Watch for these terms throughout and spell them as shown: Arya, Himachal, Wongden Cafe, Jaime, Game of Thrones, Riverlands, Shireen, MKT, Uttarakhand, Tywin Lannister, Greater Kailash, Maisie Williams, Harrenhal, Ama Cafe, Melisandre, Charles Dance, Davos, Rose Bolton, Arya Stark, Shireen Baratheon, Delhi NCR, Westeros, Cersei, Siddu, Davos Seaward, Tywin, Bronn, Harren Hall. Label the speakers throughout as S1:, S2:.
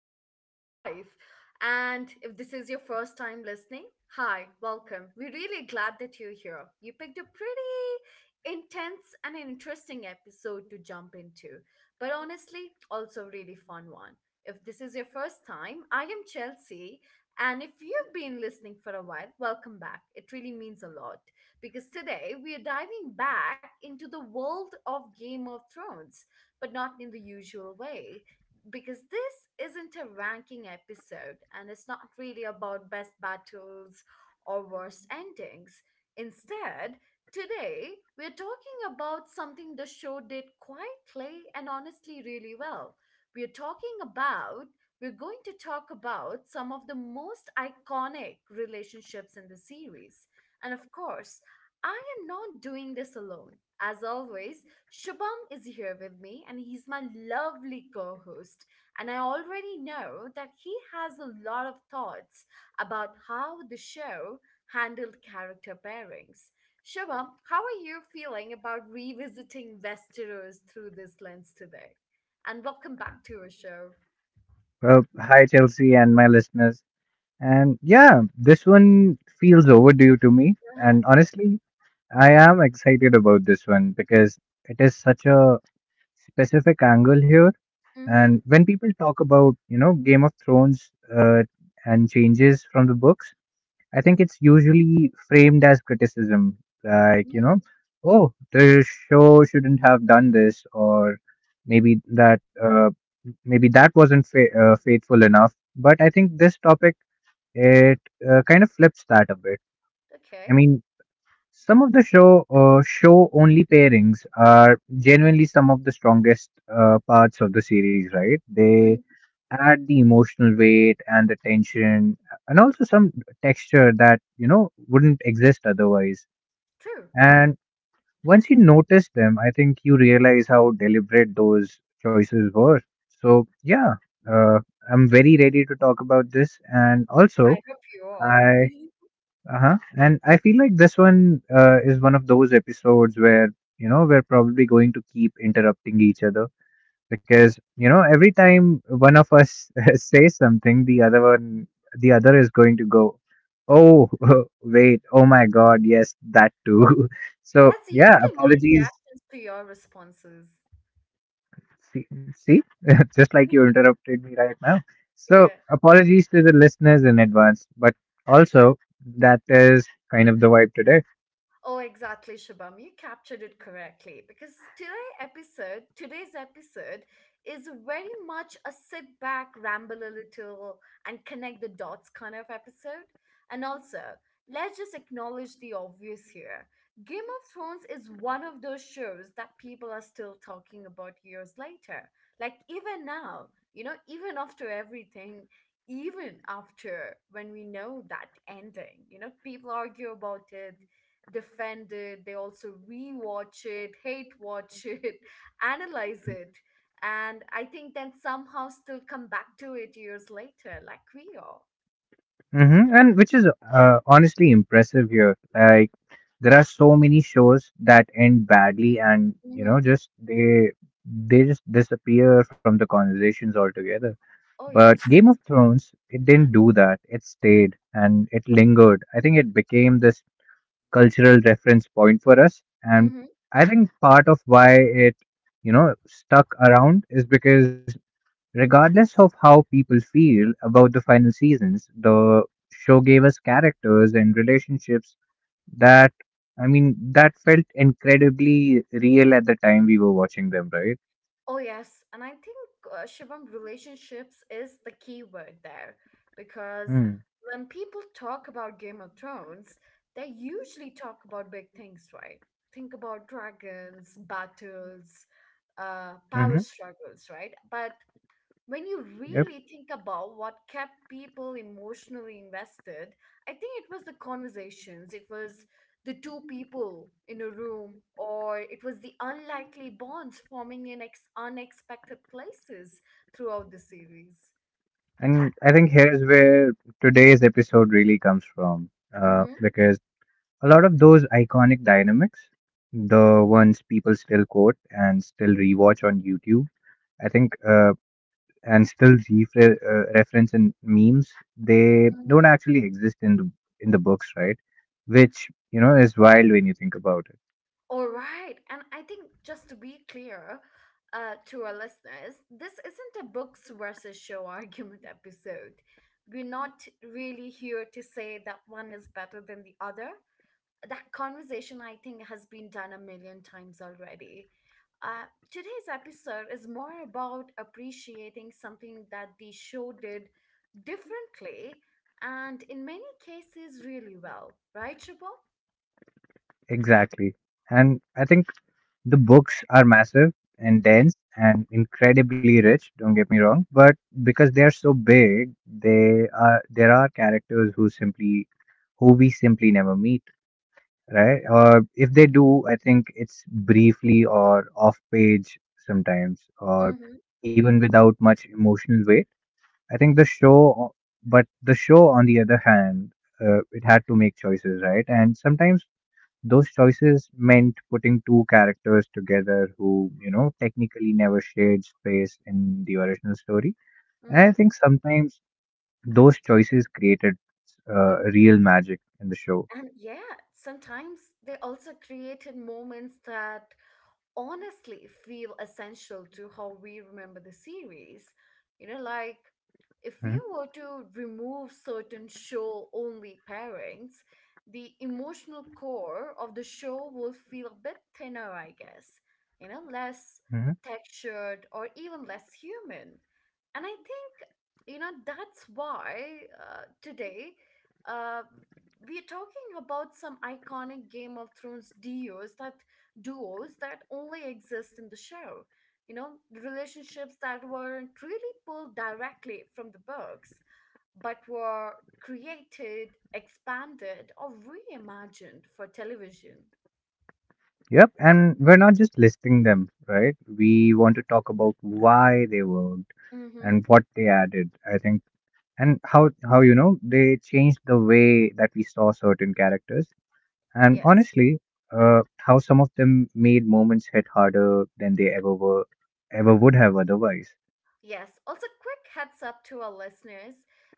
S1: show, Modern Life. And if this is your first time listening, hi, welcome. We're really glad that you're here. You picked a pretty intense and interesting episode to jump into, but honestly, also a really fun one. If this is your first time, I am Chelsea. And if you've been listening for a while, welcome back. It really means a lot because today we are diving back into the world of Game of Thrones but not in the usual way. Because this isn't a ranking episode, and it's not really about best battles or worst endings. Instead, today we're talking about something the show did quietly and honestly really well. We're talking about we're going to talk about some of the most iconic relationships in the series. And of course, I am not doing this alone. As always, Shubham is here with me, and he's my lovely co host. And I already know that he has a lot of thoughts about how the show handled character pairings. Shubham, how are you feeling about revisiting Westeros through this lens today? And welcome back to our show.
S2: Well, hi, Chelsea, and my listeners. And yeah, this one feels overdue to me.
S1: Uh-huh.
S2: And honestly, I am excited about this one because it is such a specific angle here.
S1: Mm-hmm.
S2: And when people talk about, you know, Game of Thrones uh, and changes from the books, I think it's usually framed as criticism, like, you
S1: Mm-hmm.
S2: know, oh, the show shouldn't have done this, or maybe that, uh, maybe that wasn't faithful enough. But I think this topic, it kind of flips that a bit. I
S1: Okay.
S2: mean, some of the show only pairings are genuinely some of the strongest parts of the series, right? They
S1: Mhm.
S2: add the emotional weight and the tension and also some texture that, you know, wouldn't exist otherwise.
S1: True.
S2: And once you notice them, I think you realize how deliberate those choices were. So yeah, uh, I'm very ready to talk about this. And
S1: I
S2: also
S1: hope you are.
S2: I uh-huh and I feel like this one is one of those episodes where, you know, we're probably going to keep interrupting each other, because, you know, every time one of us says something, the other is going to go, oh wait, oh my god, yes, that too. So
S1: That's
S2: yeah,
S1: usually my
S2: apologies.
S1: reactions to your responses.
S2: See, see? Just like you interrupted me right now. So
S1: Yeah.
S2: apologies to the listeners in advance, but also, that is kind of the vibe today.
S1: Oh, exactly, Shabam. You captured it correctly because today's episode is very much a sit back, ramble a little, and connect the dots kind of episode. And also, let's just acknowledge the obvious here. Game of Thrones is one of those shows that people are still talking about years later. Like even now, you know, even after everything, even after when we know that ending, you know, people argue about it, defend it, they also rewatch it, hate watch it, analyze it, and I think then somehow still come back to it years later, like we are.
S2: Hmm. And which is honestly impressive here. Like, there are so many shows that end badly and, you
S1: Hmm.
S2: know, just they just disappear from the conversations altogether.
S1: Oh,
S2: But
S1: yes.
S2: Game of Thrones, it didn't do that. It stayed and it lingered. I think it became this cultural reference point for us. And
S1: Hmm.
S2: I think part of why it stuck around is because, regardless of how people feel about the final seasons, the show gave us characters and relationships that, I mean, that felt incredibly real at the time we were watching them, right?
S1: Oh, yes. And I think, Shubham, relationships is the key word there because
S2: Hmm.
S1: when people talk about Game of Thrones, they usually talk about big things, right? Think about dragons, battles, power
S2: Mm-hmm.
S1: struggles, right? But when you
S2: Yep.
S1: really think about what kept people emotionally invested, I think it was the conversations. It was the two people in a room, or it was the unlikely bonds forming in unexpected places throughout the series.
S2: And I think here's where today's episode really comes from,
S1: Mm-hmm,
S2: because a lot of those iconic dynamics, the ones people still quote and still rewatch on YouTube, I think, and still reference in memes, they
S1: mm-hmm.
S2: don't actually exist in the books, right? Which, you know, is wild when you think about it.
S1: All right. And I think just to be clear, to our listeners, this isn't a books versus show argument episode. We're not really here to say that one is better than the other. That conversation, I think, has been done a million times already. uh, Today's episode is more about appreciating something that the show did differently, and in many cases really well, right Shubho?
S2: Exactly. And I think the books are massive and dense and incredibly rich, don't get me wrong, but because they are so big, they are there are characters who simply who we simply never meet, right? Or if they do, I think it's briefly or off page sometimes, or
S1: Mm-hmm,
S2: even without much emotional weight. I think the show but the show, on the other hand, it had to make choices, right? And sometimes those choices meant putting two characters together who, you know, technically never shared space in the original story. And I
S1: mm-hmm.
S2: think sometimes those choices created real magic in the show.
S1: And yeah, sometimes they also created moments that honestly feel essential to how we remember the series. You know, like if
S2: Mm-hmm.
S1: we were to remove certain show only pairings, the emotional core of the show will feel a bit thinner, I guess. You know, less
S2: Mm-hmm.
S1: textured or even less human. And I think, you know, that's why today uh, we're talking about some iconic Game of Thrones duos that only exist in the show. You know, relationships that weren't really pulled directly from the books, but were created, expanded, or reimagined for television.
S2: Yep, and we're not just listing them, right? We want to talk about why they worked
S1: Mm-hmm.
S2: and what they added, I think, and how, you know, they changed the way that we saw certain characters. And
S1: Yes.
S2: honestly, how some of them made moments hit harder than ever would have otherwise.
S1: Yes. Also, quick heads up to our listeners,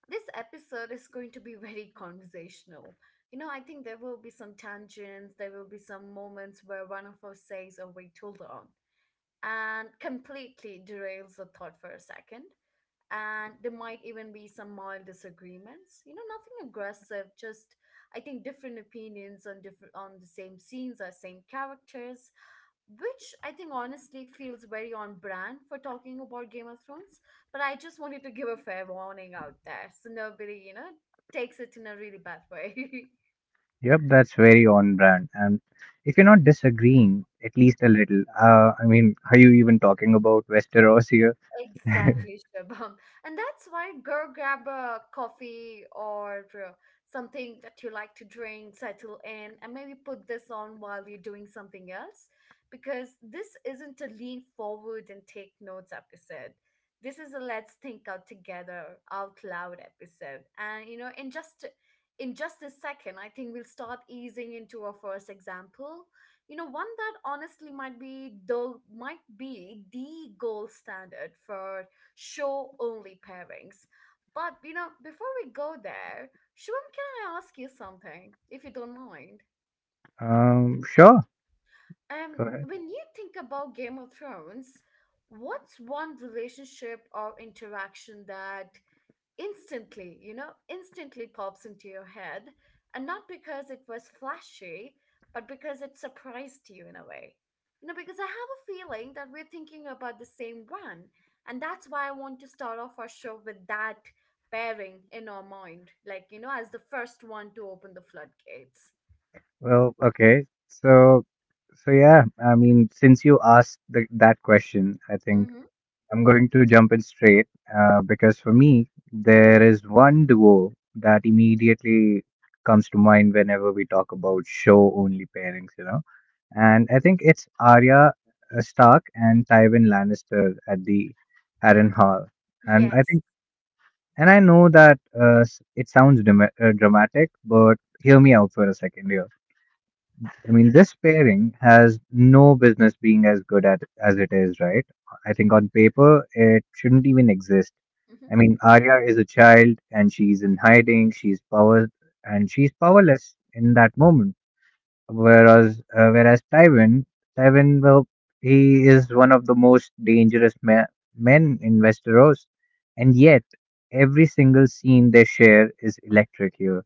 S1: this episode is going to be very conversational. You know, I think there will be some tangents, there will be some moments where one of us says, "Oh, wait, hold on," and completely derails the thought for a second. And there might even be some mild disagreements. You know, nothing aggressive, just I think different opinions on different on the same scenes or same characters, which I think honestly feels very on brand for talking about Game of Thrones. But I just wanted to give a fair warning out there so nobody, you know, takes it in a really bad way.
S2: Yep, that's very on brand. And if you're not disagreeing, at least a little, I mean, are you even talking about Westeros here?
S1: Exactly, Shubham. And that's why go grab a coffee or something that you like to drink, settle in, and maybe put this on while you're doing something else. Because this isn't a lean forward and take notes episode. This is a let's think out together, out loud episode. And you know, in just a second, I think we'll start easing into our first example, you know, one that honestly might be the gold standard for show only pairings. But you know, before we go there, Shivam, can I ask you something, if you don't mind?
S2: Sure,
S1: Um,
S2: go ahead.
S1: when you think about Game of Thrones, what's one relationship or interaction that instantly, you know, instantly pops into your head? And not because it was flashy, but because it surprised you in a way. You know, because I have a feeling that we're thinking about the same one. And that's why I want to start off our show with that pairing in our mind. Like, you know, as the first one to open the floodgates.
S2: Well, okay. So, so yeah, I mean, since you asked that question, I think
S1: Mm-hmm.
S2: I'm going to jump in straight, because for me, there is one duo that immediately comes to mind whenever we talk about show only pairings, you know. And I think it's Arya Stark and Tywin Lannister at the Harrenhal. And I
S1: Yes.
S2: think, and I know that it sounds dramatic, but hear me out for a second here. I mean, this pairing has no business being as good at as it is, right? I think on paper it shouldn't even exist.
S1: Mm-hmm.
S2: I mean, Arya is a child and she's in hiding. She's powerless in that moment. Whereas, Tywin, well, he is one of the most dangerous men in Westeros, and yet every single scene they share is electric here.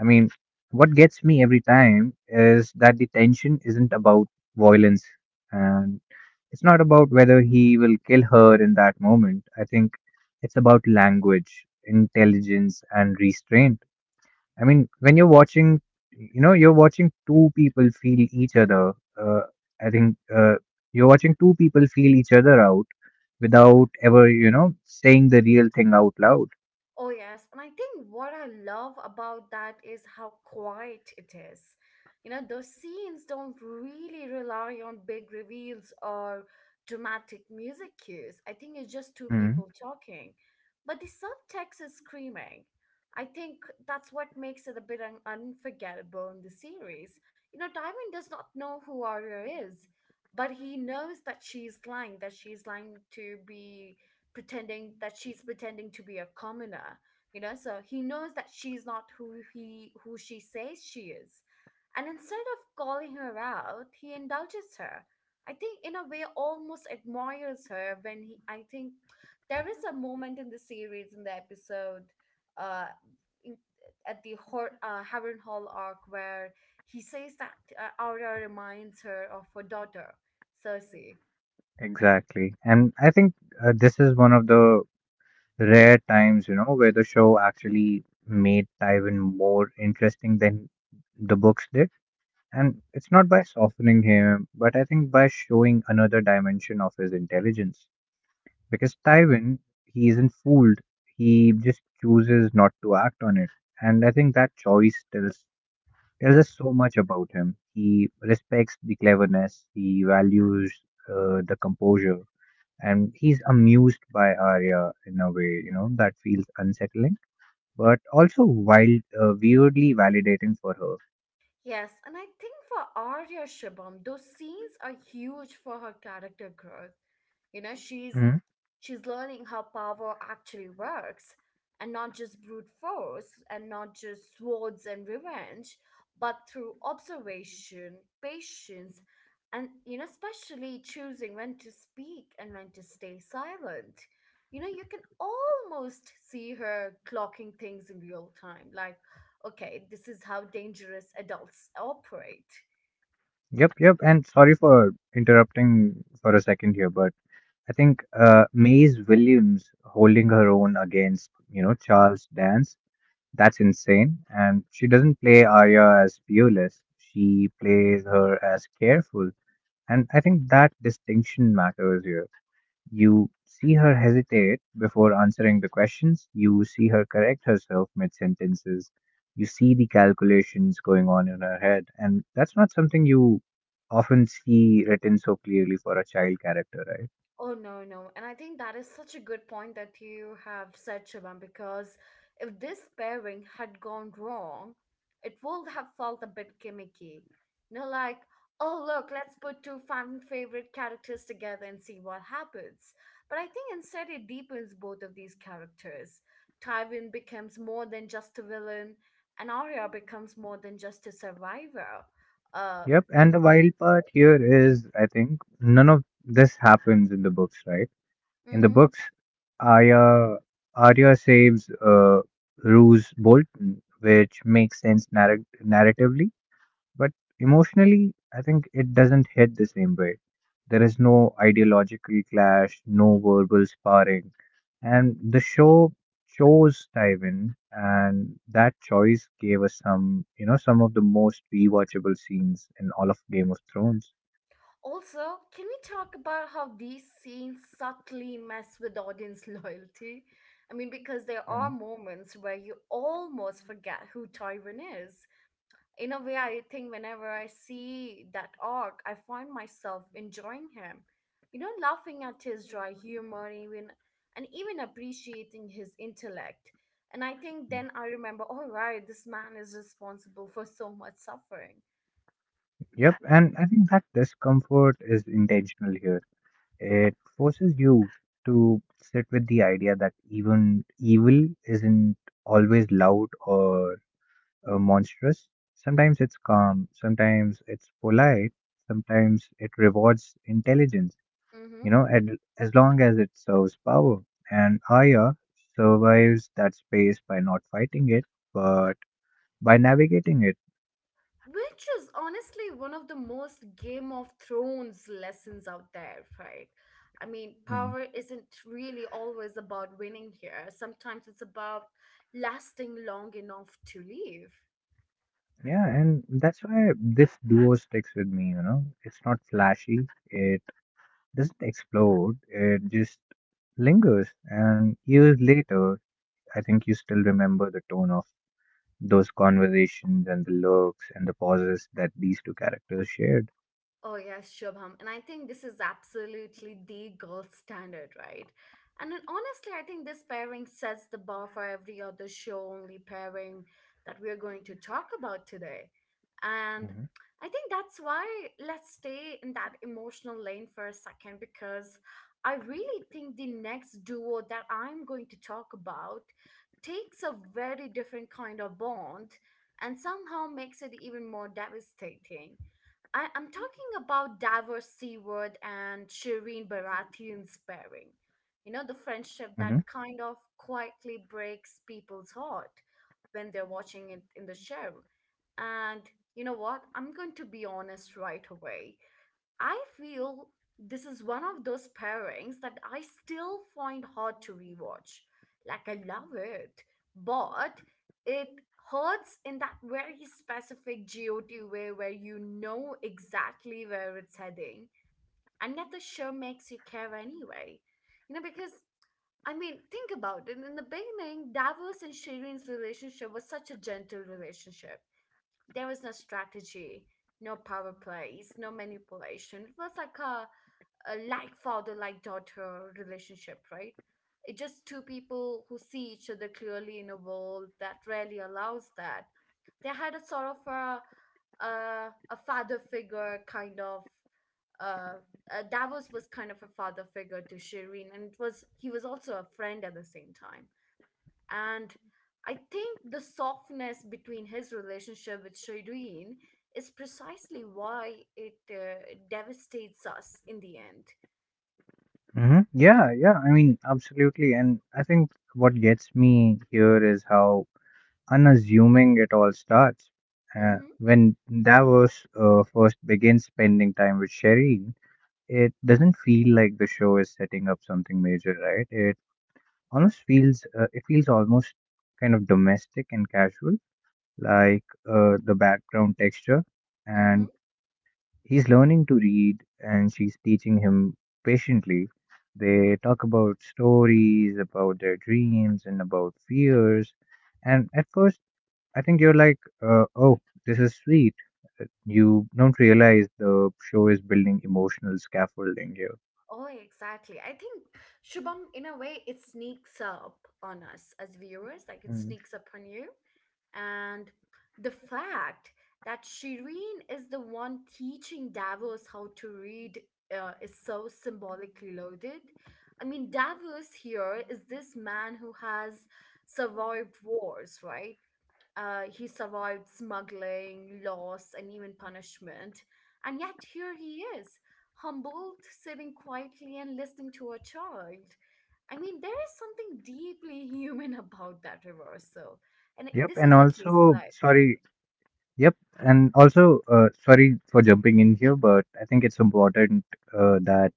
S2: I mean, what gets me every time is that the tension isn't about violence, and it's not about whether he will kill her in that moment. I think it's about language, intelligence, and restraint. I mean, when you're watching, you know, you're watching two people feel each other. Uh, I think You're watching two people feel each other out without ever, you know, saying the real thing out loud.
S1: Oh, yes. And I think what I love about that is how quiet it is. You know, those scenes don't really rely on big reveals or dramatic music cues. I think it's just two
S2: Mm,
S1: people talking, but the subtext is screaming. I think that's what makes it a bit unforgettable in the series. You know, Diamond does not know who Arya is, but he knows that she's lying to be pretending that she's pretending to be a commoner. You know, so he knows that she's not who she says she is, and instead of calling her out, he indulges her. I think in a way almost admires her when he, I think, there is a moment in the series in the episode, uh in, at the Harren Hall arc where he says that Aura reminds her of her daughter Cersei.
S2: exactly. And I think this is one of the rare times, you know, where the show actually made Tywin more interesting than the books did. And it's not by softening him, but I think by showing another dimension of his intelligence. Because Tywin, he isn't fooled. He just chooses not to act on it. And I think that choice tells us so much about him. He respects the cleverness, he values the composure, and he's amused by Arya in a way, you know, that feels unsettling but also wild, weirdly validating for her.
S1: Yes, and I think for Arya, Shibam, those scenes are huge for her character growth. You know,
S2: Mhm.
S1: she's learning how power actually works, and not just brute force, and not just swords and revenge, but through observation, patience, and you know, especially choosing when to speak and when to stay silent. You know, you can almost see her clocking things in real time, like okay, this is how dangerous adults operate.
S2: Yep. And sorry for interrupting for a second here, but I think Maze Williams holding her own against, you know, Charles Dance, that's insane. And she doesn't play Arya as fearless, she plays her as careful. And I think that distinction matters here. You see her hesitate before answering the questions. You see her correct herself mid sentences. You see the calculations going on in her head. And that's not something you often see written so clearly for a child character, right?
S1: Oh no, no. And I think that is such a good point that you have said, Shivam, because if this pairing had gone wrong, it would have felt a bit gimmicky. You know, like, oh look, let's put two fan favorite characters together and see what happens. But I think instead it deepens both of these characters. Tywin becomes more than just a villain, and Arya becomes more than just a survivor. Uh,
S2: Yep. And
S1: in
S2: the wild part here is, I think, none of this happens in the books, right? In the
S1: hmm
S2: books, Arya, Arya saves Rose Bolton, which makes sense narratively. But emotionally, I think it doesn't hit the same way. There is no ideological clash, no verbal sparring, and the show chose Tywin, and that choice gave us some, you know, some of the most rewatchable scenes in all of Game of Thrones.
S1: Also, can we talk about how these scenes subtly mess with audience loyalty? I mean, because there are
S2: Mm,
S1: moments where you almost forget who Tywin is. In a way, I think whenever I see that arc, I find myself enjoying him. You know, laughing at his dry humor, even, and even appreciating his intellect. And I think
S2: mm.
S1: then I remember, all right, this man is responsible for so much suffering.
S2: Yep, and I think that discomfort is intentional here. It forces you to sit with the idea that even evil isn't always loud or monstrous. Sometimes it's calm, sometimes it's polite, sometimes it rewards intelligence,
S1: Mm-hmm.
S2: you know, and as long as it serves power. And Arya survives that space by not fighting it, but by navigating it.
S1: Which is honestly one of the most Game of Thrones lessons out there, right? I mean,
S2: Mm.
S1: power isn't really always about winning here. Sometimes it's about lasting long enough to leave.
S2: Yeah, and that's why this duo sticks with me, you know. It's not flashy, it doesn't explode, it just lingers. And years later, I think you still remember the tone of those conversations and the looks and the pauses that these two characters shared.
S1: Oh, yes, Shubham. And I think this is absolutely the gold standard, right? And then honestly, I think this pairing sets the bar for every other show only pairing that we're going to talk about today. And
S2: hmm
S1: I think that's why let's stay in that emotional lane for a second because I really think the next duo that I'm going to talk about takes a very different kind of bond and somehow makes it even more devastating. I'm talking about Davor Seaward and Shireen Baratheon's pairing. You know, the friendship that
S2: hmm
S1: kind of quietly breaks people's heart when they're watching it in the show. And you know what? I'm going to be honest right away. I feel this is one of those pairings that I still find hard to rewatch. Like, I love it, but it hurts in that very specific GOT way where you know exactly where it's heading, and yet the show makes you care anyway. You know, because I mean, think about it. In the beginning, Davos and Shireen's relationship was such a gentle relationship. There was no strategy, no power plays, no manipulation. It was like a like father like daughter relationship, right? It's just two people who see each other clearly in a world that rarely allows that. They had a sort of a father figure kind of uh, Davos was kind of a father figure to Shireen, and it was he was also a friend at the same time. And I think the softness between his relationship with Shireen is precisely why it devastates us in the end.
S2: yeah. I mean, absolutely. And I think what gets me here is how unassuming it all starts.
S1: Mm-hmm.
S2: When Davos first begins spending time with Shireen, it doesn't feel like the show is setting up something major, right? It almost feels it feels almost kind of domestic and casual, like the background texture.
S1: Mm-hmm.
S2: And he's learning to read and she's teaching him patiently. They talk about stories, about their dreams, and about fears. And at first, I think you're like, oh, this is sweet. You don't realize the show is building emotional scaffolding here.
S1: Oh, exactly. I think Shubham, in a way, it sneaks up on us as viewers, like it
S2: Mm.
S1: sneaks up on you. And the fact that Shireen is the one teaching Davos how to read is so symbolically loaded. I mean, Davos here is this man who has survived wars, right? He survived smuggling, loss, and even punishment. And yet here he is, humbled, sitting quietly and listening to a child. I mean, there is something deeply human about that reversal. And
S2: Yep,
S1: this
S2: and
S1: is at least
S2: also, sorry, yep, and also, sorry for jumping in here, but I think it's important that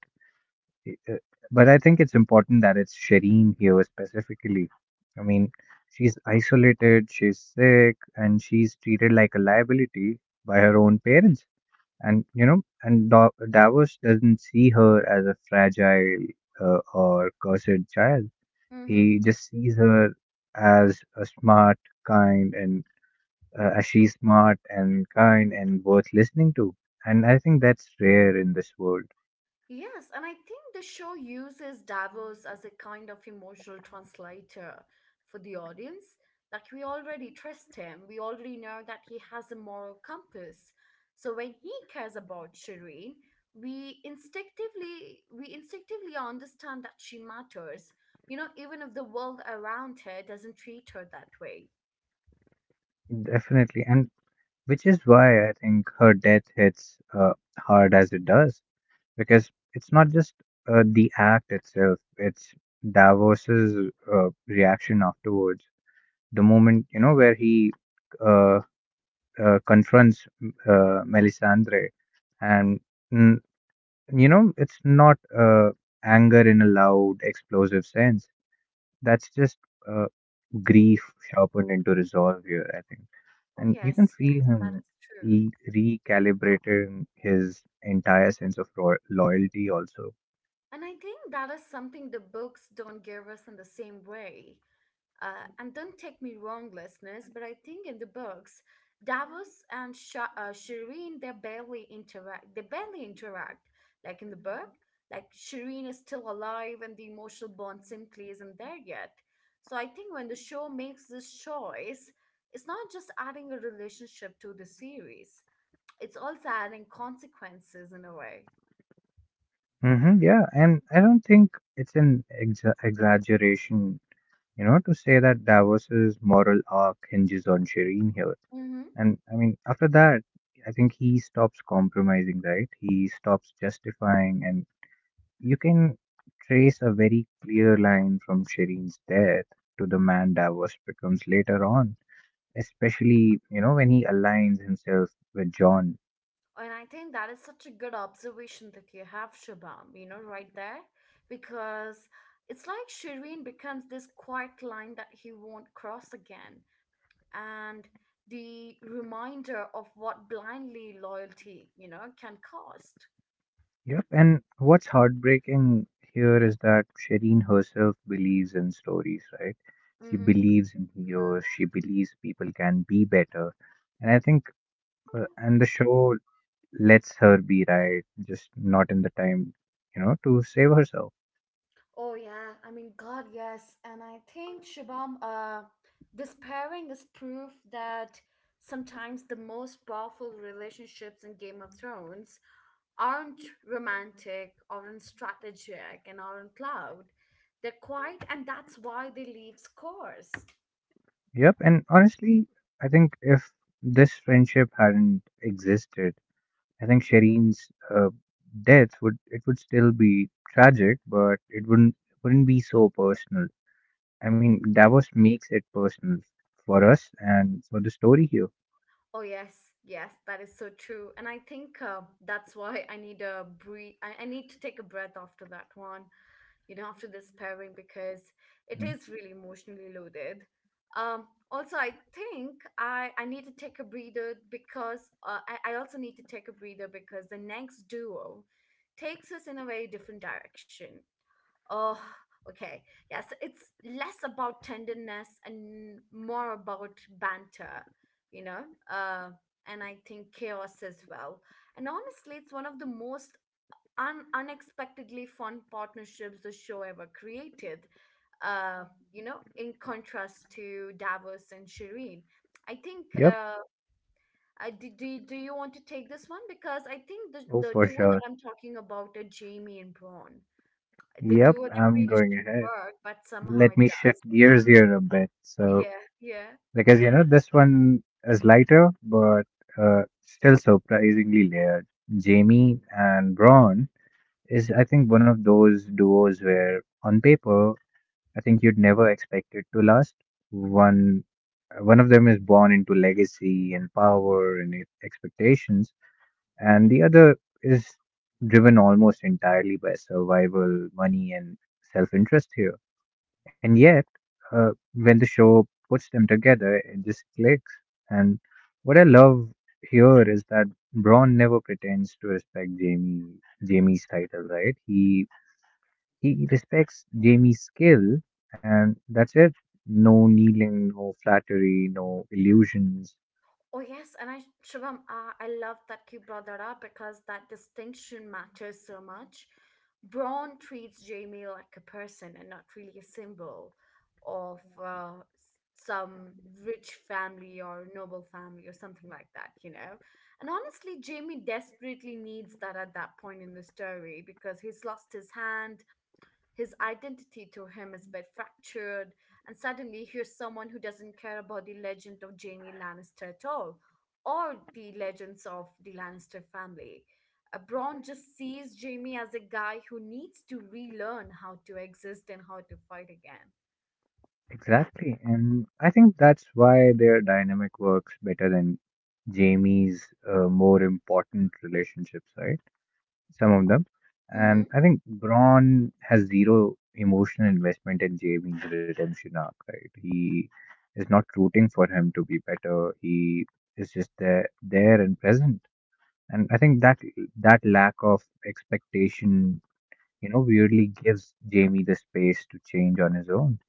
S2: uh, but I think it's important that it's Shireen here specifically. I mean, she's isolated, she's sick, and she's treated like a liability by her own parents. And you know, and Davos doesn't see her as a fragile or cursed child.
S1: right.
S2: He just sees her as a smart, kind, and as she's smart and kind and worth listening to. And I think that's rare in this world.
S1: Yes, and I think the show uses Davos as a kind of emotional translator for the audience. Like, we already trust him, we already know that he has a moral compass. So when he cares about Shireen, we instinctively understand that she matters, you know, even if the world around her doesn't treat her that way.
S2: Definitely. And Which is why I think her death hits hard as it does, because it's not just the act itself, it's Davos's reaction afterwards. The moment, you know, where he uh, confronts Melisandre, and, mm, you know, it's not anger in a loud, explosive sense. That's just uh, grief sharpened into resolve here, I think.
S1: Oh
S2: And you can
S1: yes,
S2: feel
S1: yes, that
S2: him
S1: is true.
S2: he recalibrating his entire sense of loyalty also.
S1: And I think that is something the books don't give us in the same way. Uh, and don't take me wrong, listeners, but I think in the books, Davos and Shireen they barely interact. They barely interact. Like in the book, like Shireen is still alive, and the emotional bond simply isn't there yet. So I think when the show makes this choice, it's not just adding a relationship to the series; it's also adding consequences in a way.
S2: Hmm. Yeah, and I don't think it's an exaggeration, you know, to say that Davos's moral arc hinges on Shireen here. And I mean, after that, I think he stops compromising, right? He stops justifying, and you can trace a very clear line from Shireen's death to the man Davos becomes later on, especially, you know, when he aligns himself with John.
S1: And I think that is such a good observation that you have, Shabam, you know, right there, because it's like Shireen becomes this quiet line that he won't cross again. And the reminder of what blindly loyalty, you know, can cost.
S2: Yep, and what's heartbreaking here is that Shireen herself believes in stories, right? She
S1: Mm-hmm.
S2: believes in heroes. She believes people can be better, and I think and the show lets her be right, just not in the time, you know, to save herself.
S1: Oh yeah, I mean God, yes. And I think Shabam, this pairing is proof that sometimes the most powerful relationships in Game of Thrones aren't romantic, aren't strategic, and aren't loud. They're quiet, and that's why they leave scores.
S2: Yep, and honestly, I think if this friendship hadn't existed I think Shireen's uh, death would still be tragic, but it wouldn't be so personal. I mean, Davos makes it personal for us and for the story here.
S1: Oh yes, yes, that is so true. And I think that's why I need a breathe. I need to take a breath after that one. You know, after this pairing because it
S2: Mm.
S1: is really emotionally loaded. Um, Also, I think I need to take a breather because I also need to take a breather because the next duo takes us in a very different direction. Oh, okay. Yes, it's less about tenderness and more about banter, you know, uh, and I think chaos as well. And honestly, it's one of the most unexpectedly fun partnerships the show ever created. Uh, you know, in contrast to Davos and Shireen, I think.
S2: Yep.
S1: Do you want to take this one because I think the
S2: Oh,
S1: the
S2: for
S1: duo that
S2: sure.
S1: I'm talking about are Jamie and Braun, the
S2: Yep.
S1: duo that
S2: I'm
S1: really
S2: going
S1: shouldn't
S2: ahead.
S1: work, but somehow
S2: Let
S1: it
S2: me
S1: does.
S2: shift gears here a bit. So,
S1: Yeah, yeah.
S2: because you know, this one is lighter, but still surprisingly layered. Jamie and Braun is, I think, one of those duos where on paper I think you'd never expect it to last. One one of them is born into legacy and power and expectations, and the other is driven almost entirely by survival, money, and self-interest here. And yet, when the show puts them together, it just clicks. And what I love here is that Braun never pretends to respect Jamie's title, right? He respects Jamie's skill, and that's it. No kneeling, no flattery, no illusions.
S1: Oh, yes. And I, Shivam, I love that you brought that up because that distinction matters so much. Braun treats Jamie like a person and not really a symbol of some rich family or noble family or something like that, you know? And honestly, Jamie desperately needs that at that point in the story because he's lost his hand, his identity to him is a bit fractured, and suddenly here's someone who doesn't care about the legend of Jaime Lannister at all, or the legends of the Lannister family. Bronn just sees Jaime as a guy who needs to relearn how to exist and how to fight again.
S2: Exactly. And I think that's why their dynamic works better than Jamie's more important relationships, right? Some of them. And
S1: Mm-hmm.
S2: I think Braun has zero emotional investment in Jamie's redemption arc, right? He is not rooting for him to be better. He is just there and present. And I think that that lack of expectation, you know, weirdly gives Jamie the space to change on his own.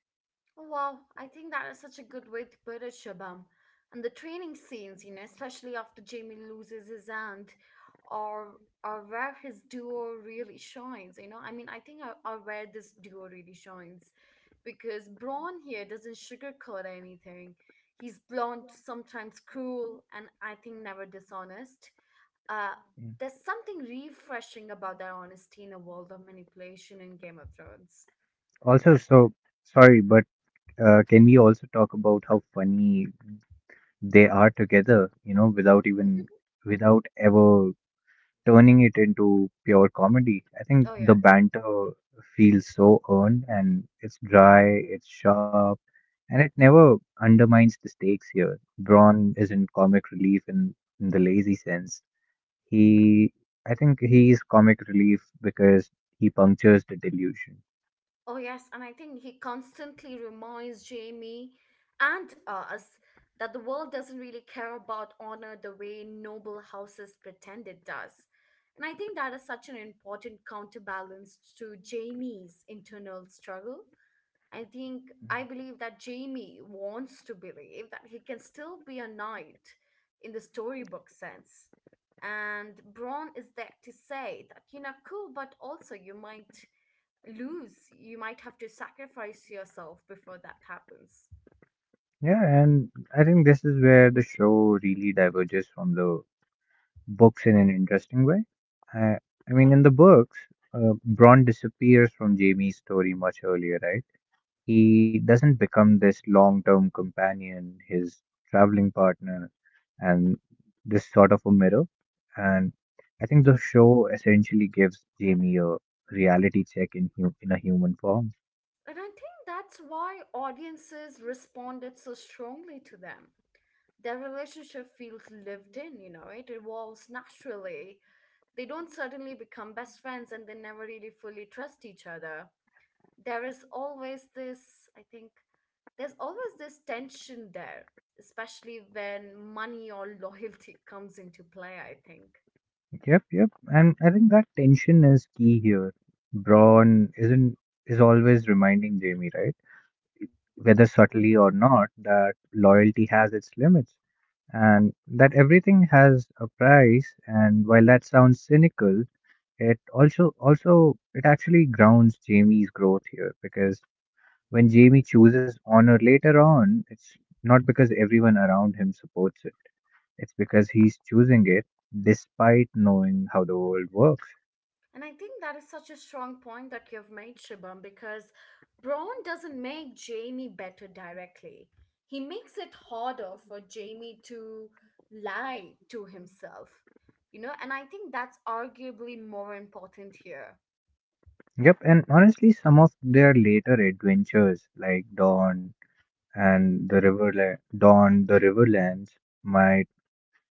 S1: Oh, wow, I think that is such a good way to put it, Shabam. And the training scenes, you know, especially after Jamie loses his aunt, are are where his duo really shines. You know, I mean, I think are where this duo really shines, because Braun here doesn't sugarcoat anything. He's blunt, sometimes cruel, and I think never dishonest. Uh,
S2: Mm.
S1: there's something refreshing about that honesty in a world of manipulation in Game of Thrones.
S2: Also, so sorry, but can we also talk about how funny they are together, you know, without ever turning it into pure comedy. I think
S1: Oh
S2: the
S1: yes.
S2: banter feels so earned and it's dry, it's sharp, and it never undermines the stakes here. Braun isn't comic relief in the lazy sense. He, I think he is comic relief because he punctures the delusion.
S1: Oh, yes, and I think he constantly reminds Jamie and us that the world doesn't really care about honor the way noble houses pretend it does. And I think that is such an important counterbalance to Jamie's internal struggle. I think I believe that Jamie wants to believe that he can still be a knight in the storybook sense. And Braun is there to say that, you know, cool, but also you might lose. You might have to sacrifice yourself before that happens.
S2: Yeah, and I think this is where the show really diverges from the books in an interesting way. I, I mean, in the books, Bron disappears from Jamie's story much earlier, right? He doesn't become this long term companion, his traveling partner, and this sort of a mirror. And I think the show essentially gives Jamie a reality check in, in a human form.
S1: And I think that's why audiences responded so strongly to them. Their relationship feels lived in, you know, it evolves naturally, they don't suddenly become best friends and they never really fully trust each other. There is always this, I think, there's always this tension there, especially when money or loyalty comes into play, I think.
S2: Yep. And I think that tension is key here. Braun isn't is always reminding Jamie, right? Whether subtly or not, that loyalty has its limits and that everything has a price. And while that sounds cynical, it also also it actually grounds Jamie's growth here because when Jamie chooses honor later on, it's not because everyone around him supports it. It's because he's choosing it despite knowing how the world works.
S1: And I think that is such a strong point that you've made, Shibam, because Braun doesn't make Jamie better directly. He makes it harder for Jamie to lie to himself, you know, and I think that's arguably more important here.
S2: Yep, and honestly, some of their later adventures, like Dawn and the river Dawn, the Riverlands might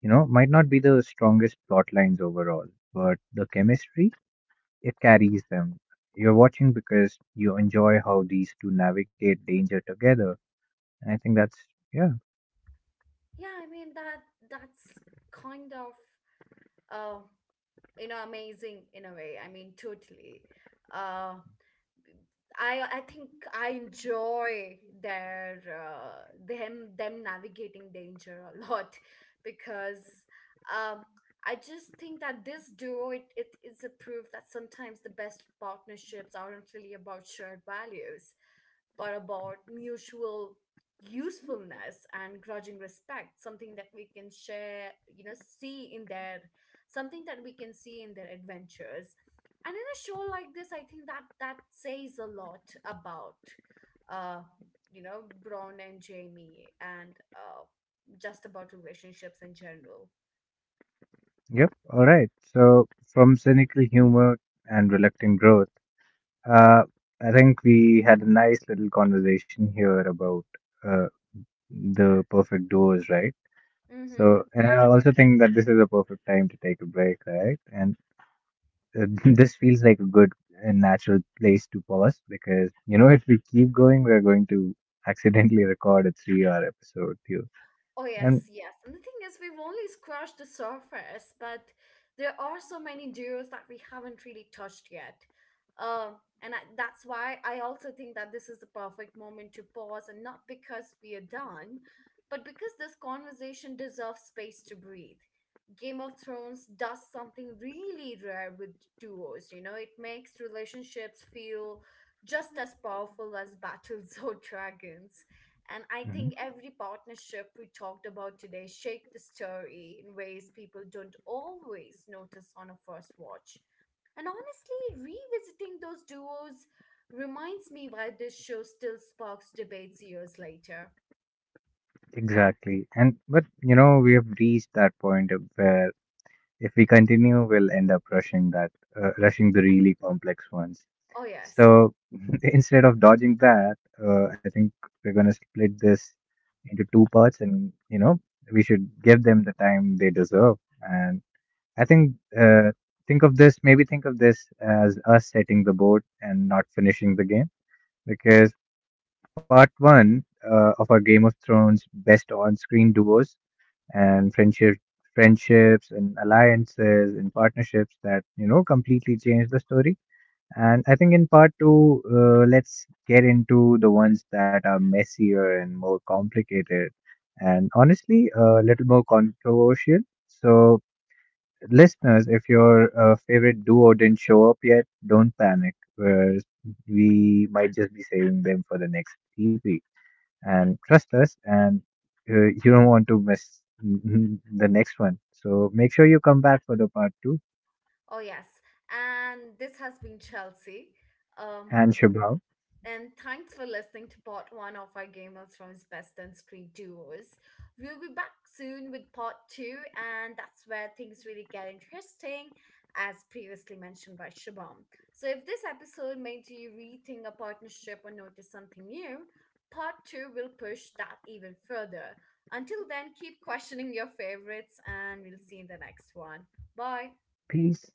S2: you know might not be the strongest plot lines overall, but the chemistry it carries them. You're watching because you enjoy how these two navigate danger together, and I think that's yeah,
S1: Yeah, I mean that's kind of uh you know amazing in a way. I mean totally. uh I think I enjoy their them navigating danger a lot because um, I just think that this duo, it is a proof that sometimes the best partnerships aren't really about shared values but about mutual usefulness and grudging respect, something that we can share you know see in their something that we can see in their adventures. And in a show like this, I think that that says a lot about uh you know Braun and Jamie, and just about relationships in general.
S2: yep, all right. So from cynical humor and reluctant growth, uh, I think we had a nice little conversation here about uh, the perfect duos, right? So, and I also think that this is a perfect time to take a break, right? And this feels like a good and natural place to pause because, you know, if we keep going, we're going to accidentally record a three-hour episode too.
S1: Oh,
S2: And
S1: yes, yes. And the thing is, we've only scratched the surface, but there are so many duos that we haven't really touched yet. Um, and I, that's why I also think that this is the perfect moment to pause, and not because we are done, but because this conversation deserves space to breathe. Game of Thrones does something really rare with duos, you know, it makes relationships feel just as powerful as battles or dragons. And I
S2: mhm,
S1: think every partnership we talked about today shaped the story in ways people don't always notice on a first watch. And honestly, revisiting those duos reminds me why this show still sparks debates years later.
S2: exactly. And but, you know, we have reached that point of where if we continue, we'll end up rushing that, rushing the really complex ones.
S1: Oh, yes.
S2: So instead of dodging that, I think we're gonna split this into two parts, and you know we should give them the time they deserve. And I uh, think of this, maybe think of this as us setting the board and not finishing the game, because part one of our Game of Thrones best on-screen duos and friendships and alliances and partnerships that you know completely changed the story. And I think in part two, let's get into the ones that are messier and more complicated, and honestly, a little more controversial. So, listeners, if your favorite duo didn't show up yet, don't panic. Whereas we might just be saving them for the next EP. And trust us, and you don't want to miss the next one. So, make sure you come back for the part two.
S1: Oh, yes. And this has been Chelsea. Um,
S2: And Shubham,
S1: And thanks for listening to part one of our Game of Thrones Best on Screen Duos. We'll be back soon with part two, and that's where things really get interesting, as previously mentioned by Shabam. So, if this episode made you rethink a partnership or notice something new, part two will push that even further. Until then, keep questioning your favorites, and we'll see you in the next one. Bye.
S2: peace.